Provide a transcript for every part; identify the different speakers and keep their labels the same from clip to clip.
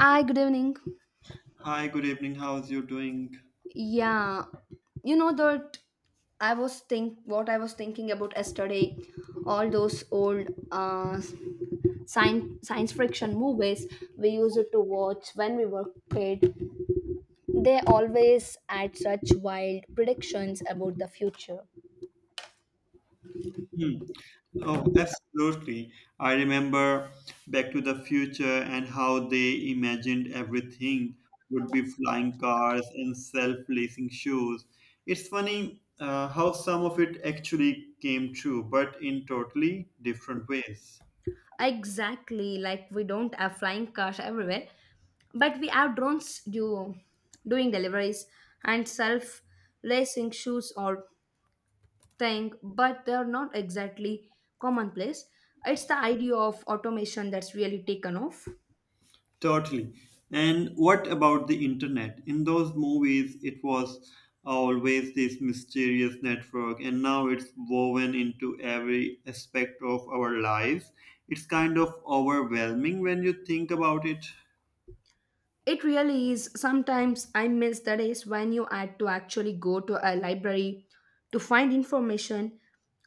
Speaker 1: Hi, good evening.
Speaker 2: Hi, good evening. How's you doing?
Speaker 1: Yeah, you know that I was think what I was thinking about yesterday, all those old science fiction movies we used to watch when we were kid. They always had such wild predictions about the future.
Speaker 2: Hmm. Oh, absolutely. I remember Back to the Future and how they imagined everything would be flying cars and self-lacing shoes. It's funny how some of it actually came true, but in totally different ways.
Speaker 1: Exactly, like we don't have flying cars everywhere, but we have drones doing deliveries and self racing shoes or thing, but they're not exactly commonplace. It's the idea of automation that's really taken off.
Speaker 2: Totally. And what about the internet? In those movies, it was always this mysterious network, and now it's woven into every aspect of our lives. It's kind of overwhelming when you think about it.
Speaker 1: It really is. Sometimes I miss the days when you had to actually go to a library to find information.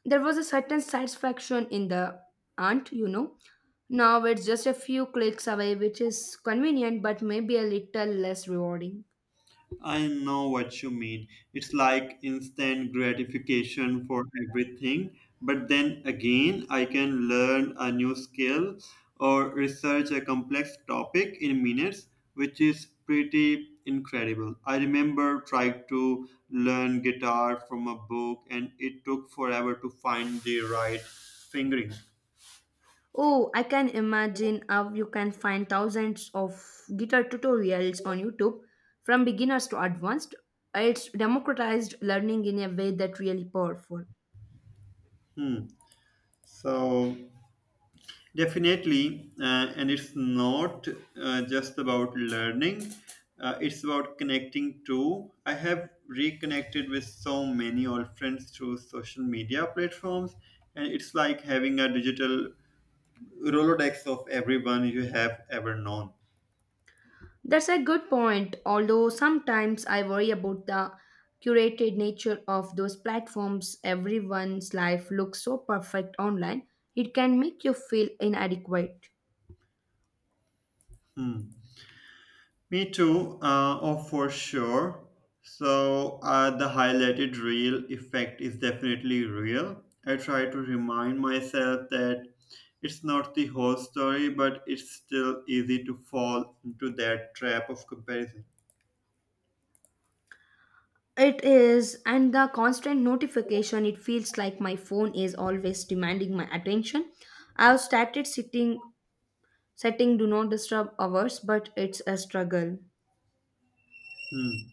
Speaker 1: There was a certain satisfaction in the aunt. Now it's just a few clicks away, which is convenient but maybe a little less rewarding.
Speaker 2: I know what you mean. It's like instant gratification for everything. But then again, I can learn a new skill or research a complex topic in minutes, which is pretty incredible. I remember trying to learn guitar from a book, and it took forever to find the right fingering.
Speaker 1: Oh, I can imagine how you can find thousands of guitar tutorials on YouTube from beginners to advanced. It's democratized learning in a way that really powerful.
Speaker 2: Hmm. So definitely, and it's not just about learning, it's about connecting too. I have reconnected with so many old friends through social media platforms, and it's like having a digital Rolodex of everyone you have ever known.
Speaker 1: That's a good point, although sometimes I worry about the curated nature of those platforms. Everyone's life looks so perfect online, it can make you feel inadequate.
Speaker 2: Hmm. Me too, oh, for sure. So, the highlighted real effect is definitely real. I try to remind myself that it's not the whole story, but it's still easy to fall into that trap of comparison.
Speaker 1: It is, and the constant notification, it feels like my phone is always demanding my attention. I've started sitting, setting do not disturb hours, but it's a struggle.
Speaker 2: Hmm.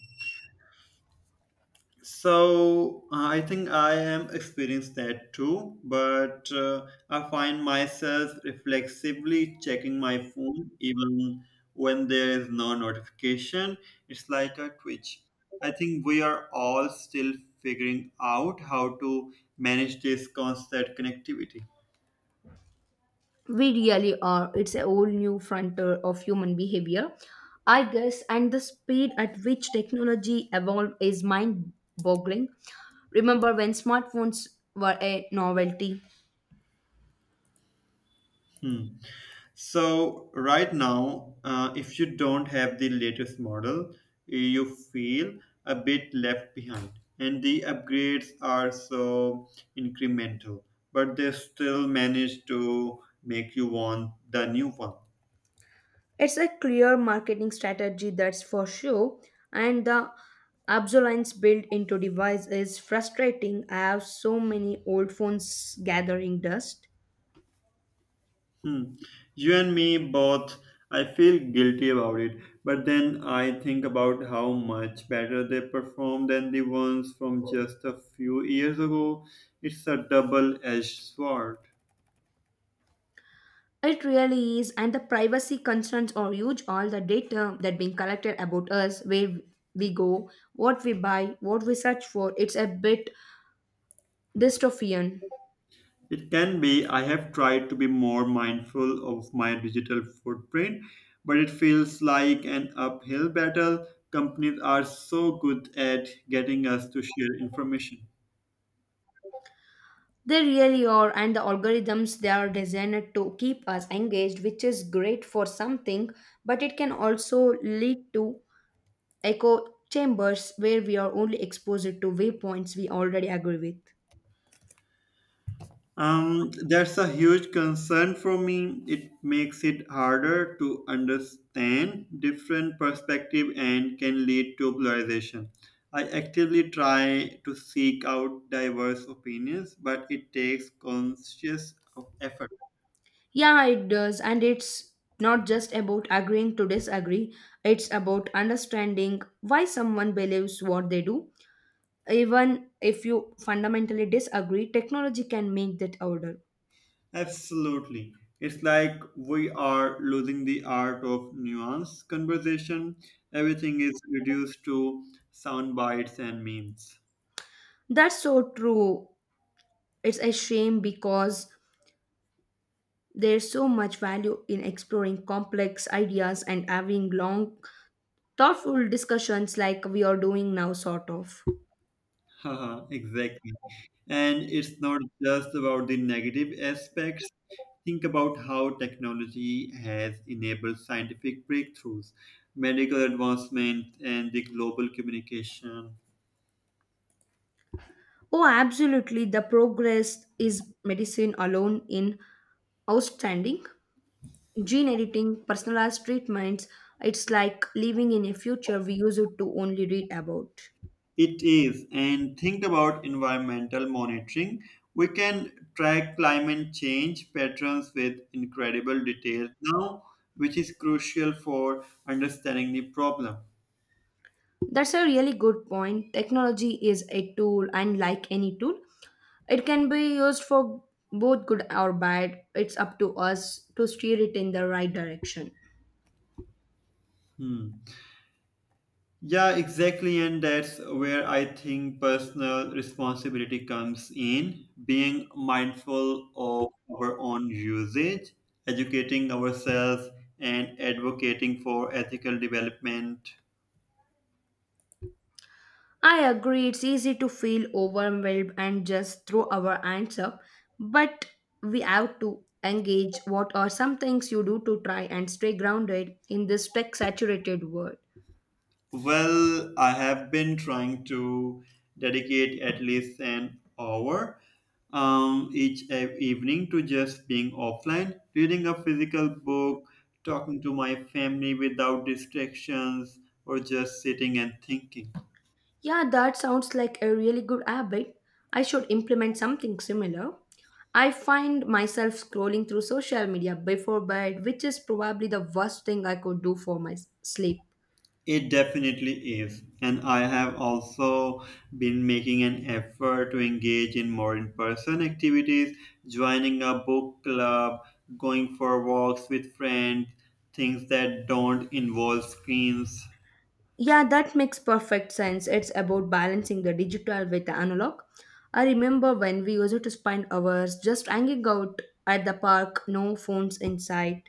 Speaker 2: So I think I am experienced that too, but I find myself reflexively checking my phone even when there is no notification. It's like a twitch. I think we are all still figuring out how to manage this constant connectivity.
Speaker 1: We really are. It's a whole new frontier of human behavior, I guess, and the speed at which technology evolved is mind boggling. Remember when smartphones were a novelty?
Speaker 2: Hmm. So right now, if you don't have the latest model, you feel a bit left behind. And the upgrades are so incremental, but they still manage to make you want the new one.
Speaker 1: It's a clear marketing strategy, that's for sure. And the obsolescence built into device is frustrating. I have so many old phones gathering dust.
Speaker 2: Hmm. You and me both, I feel guilty about it, but then I think about how much better they perform than the ones from just a few years ago. It's a double edged sword.
Speaker 1: It really is, and the privacy concerns are huge. All the data that being collected about us, where we go, what we buy, what we search for, it's a bit dystopian.
Speaker 2: It can be. I have tried to be more mindful of my digital footprint, but it feels like an uphill battle. Companies are so good at getting us to share information.
Speaker 1: They really are, and the algorithms they are designed to keep us engaged, which is great for something, but it can also lead to echo chambers where we are only exposed to viewpoints we already agree with.
Speaker 2: That's a huge concern for me. It makes it harder to understand different perspective and can lead to polarization. I actively try to seek out diverse opinions, but it takes conscious effort.
Speaker 1: Yeah, it does, and it's not just about agreeing to disagree, it's about understanding why someone believes what they do. Even if you fundamentally disagree, technology can make that order.
Speaker 2: Absolutely. It's like we are losing the art of nuance conversation. Everything is reduced to sound bites and memes.
Speaker 1: That's so true. It's a shame because there's so much value in exploring complex ideas and having long, thoughtful discussions like we are doing now, sort of.
Speaker 2: Haha, exactly. And it's not just about the negative aspects. Think about how technology has enabled scientific breakthroughs, medical advancement, and the global communication.
Speaker 1: Oh, absolutely. The progress is medicine alone in outstanding. Gene editing, personalized treatments, it's like living in a future we used to only read about.
Speaker 2: It is, and think about environmental monitoring. We can track climate change patterns with incredible detail now, which is crucial for understanding the problem.
Speaker 1: That's a really good point. Technology is a tool, and like any tool, it can be used for both good or bad. It's up to us to steer it in the right direction.
Speaker 2: Hmm. Yeah, exactly, and that's where I think personal responsibility comes in being mindful of our own usage, educating ourselves, and advocating for ethical development.
Speaker 1: I agree, it's easy to feel overwhelmed and just throw our hands up, but we have to engage. What are some things you do to try and stay grounded in this tech saturated world?
Speaker 2: Well, I have been trying to dedicate at least an hour each evening to just being offline, reading a physical book, talking to my family without distractions, or just sitting and thinking.
Speaker 1: Yeah, that sounds like a really good habit. I should implement something similar. I find myself scrolling through social media before bed, which is probably the worst thing I could do for my sleep.
Speaker 2: It definitely is. And I have also been making an effort to engage in more in person activities, joining a book club, going for walks with friends, things that don't involve screens.
Speaker 1: Yeah, that makes perfect sense. It's about balancing the digital with the analog. I remember when we used to spend hours just hanging out at the park, no phones in sight.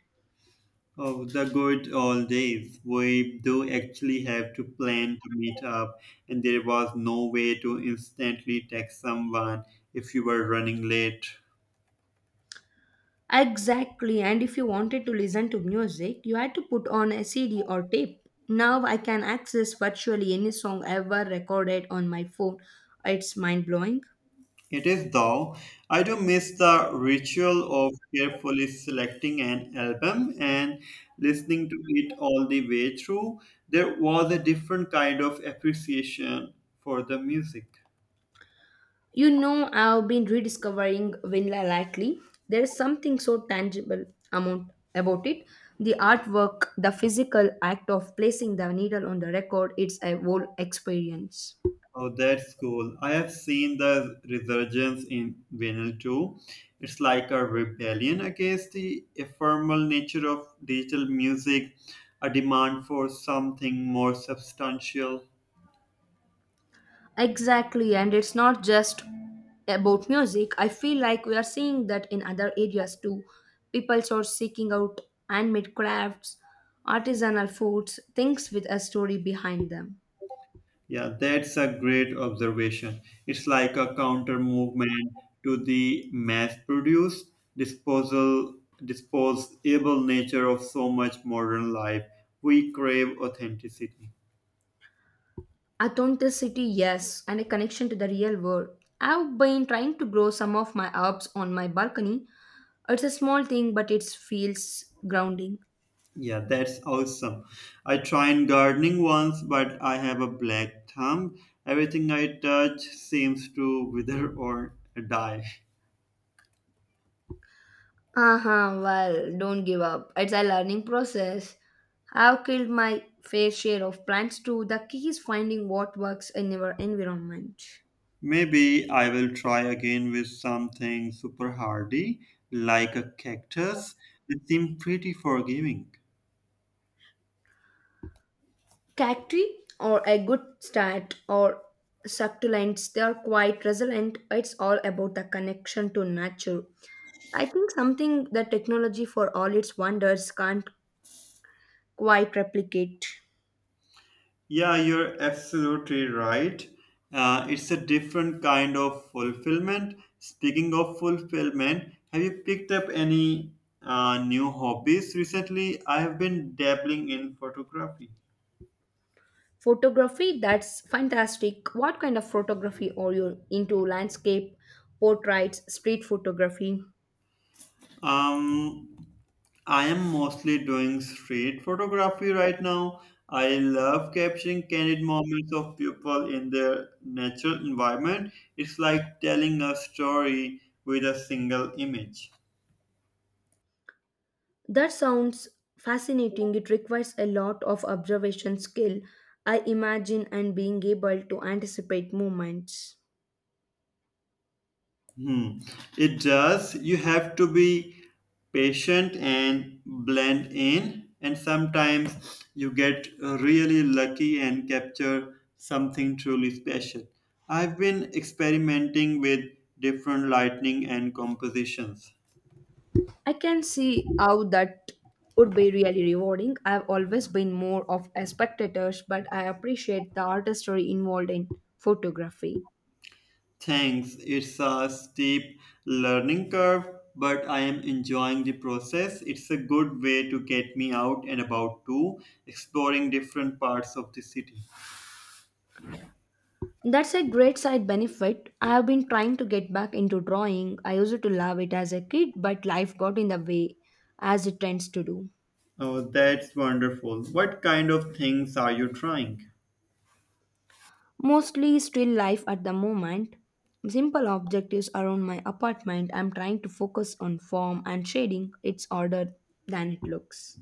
Speaker 2: Oh, the good old days. We do actually have to plan to meet up, and there was no way to instantly text someone if you were running late.
Speaker 1: Exactly, and if you wanted to listen to music, you had to put on a CD or tape. Now I can access virtually any song ever recorded on my phone. It's mind blowing.
Speaker 2: It is though. I do miss the ritual of carefully selecting an album and listening to it all the way through. There was a different kind of appreciation for the music.
Speaker 1: You know, I've been rediscovering Vinla lately. There's something so tangible amount about it. The artwork, the physical act of placing the needle on the record, it's a whole experience.
Speaker 2: Oh, that's cool. I have seen the resurgence in vinyl too. It's like a rebellion against the ephemeral nature of digital music, a demand for something more substantial.
Speaker 1: Exactly, and it's not just about music. I feel like we are seeing that in other areas too. People are seeking out handmade crafts, artisanal foods, things with a story behind them.
Speaker 2: Yeah, that's a great observation. It's like a counter movement to the mass produced disposal disposable nature of so much modern life. We crave authenticity.
Speaker 1: Authenticity, yes, and a connection to the real world. I've been trying to grow some of my herbs on my balcony. It's a small thing, but it feels grounding.
Speaker 2: Yeah, that's awesome. I tried gardening once, but I have a black thumb. Everything I touch seems to wither or die.
Speaker 1: Uh-huh, well, don't give up. It's a learning process. I've killed my fair share of plants too. The key is finding what works in your environment.
Speaker 2: Maybe I will try again with something super hardy, like a cactus. It seems pretty forgiving.
Speaker 1: Cacti or a good start or succulents, they are quite resilient. It's all about the connection to nature I think something that technology, for all its wonders, can't quite replicate.
Speaker 2: Yeah, you're absolutely right. It's a different kind of fulfillment. Speaking of fulfillment, have you picked up any new hobbies recently? I have been dabbling in photography.
Speaker 1: Photography, that's fantastic. What kind of photography are you into? Landscape, portraits, street photography?
Speaker 2: Um, I am mostly doing street photography right now. I love capturing candid moments of people in their natural environment. It's like telling a story with a single image.
Speaker 1: That sounds fascinating. It requires a lot of observation skill, I imagine, and being able to anticipate movements.
Speaker 2: Hmm. It does. You have to be patient and blend in. And sometimes you get really lucky and capture something truly special. I've been experimenting with different lighting and compositions.
Speaker 1: I can see how that would be really rewarding. I have always been more of a spectator, but I appreciate the artistry involved in photography.
Speaker 2: Thanks. It's a steep learning curve, but I am enjoying the process. It's a good way to get me out and about too, exploring different parts of the city.
Speaker 1: That's a great side benefit. I have been trying to get back into drawing. I used to love it as a kid, but life got in the way, as it tends to do.
Speaker 2: Oh, that's wonderful. What kind of things are you trying?
Speaker 1: Mostly still life at the moment. Simple objectives around my apartment. I'm trying to focus on form and shading. It's harder than it looks.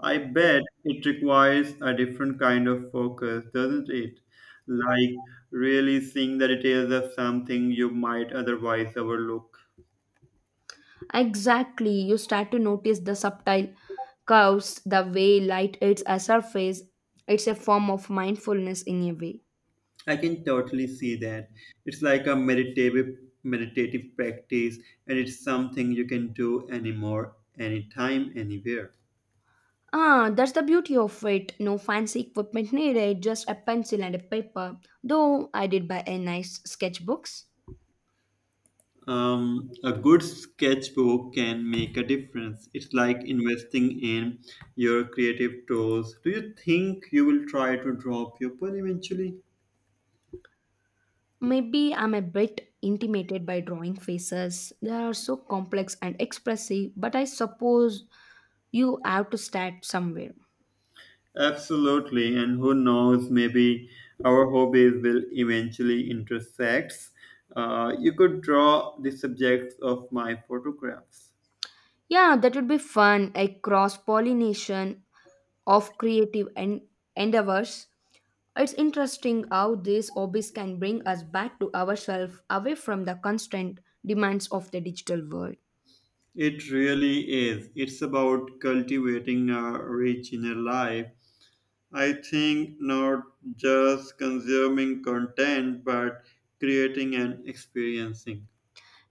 Speaker 2: I bet it requires a different kind of focus, doesn't it? Like really seeing the details of something you might otherwise overlook.
Speaker 1: Exactly, you start to notice the subtle curves, the way light hits a surface. It's a form of mindfulness in a way.
Speaker 2: I can totally see that. It's like a meditative practice, and it's something you can do anymore, anytime, anywhere.
Speaker 1: Ah, that's the beauty of it. No fancy equipment needed, just a pencil and a paper. Though I did buy a nice sketchbooks.
Speaker 2: A good sketchbook can make a difference. It's like investing in your creative tools. Do you think you will try to draw people eventually?
Speaker 1: Maybe I'm a bit intimidated by drawing faces. They are so complex and expressive, but I suppose you have to start somewhere.
Speaker 2: Absolutely, and who knows, maybe our hobbies will eventually intersect. You could draw the subjects of my photographs.
Speaker 1: Yeah, that would be fun. A cross pollination of creative endeavors. It's interesting how these hobbies can bring us back to ourselves away from the constant demands of the digital world.
Speaker 2: It really is. It's about cultivating a rich inner life, I think, not just consuming content, but creating and experiencing.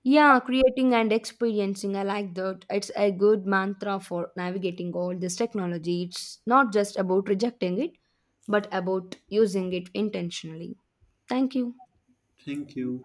Speaker 1: Yeah, creating and experiencing, I like that. It's a good mantra for navigating all this technology. It's not just about rejecting it, but about using it intentionally. Thank you.
Speaker 2: Thank you.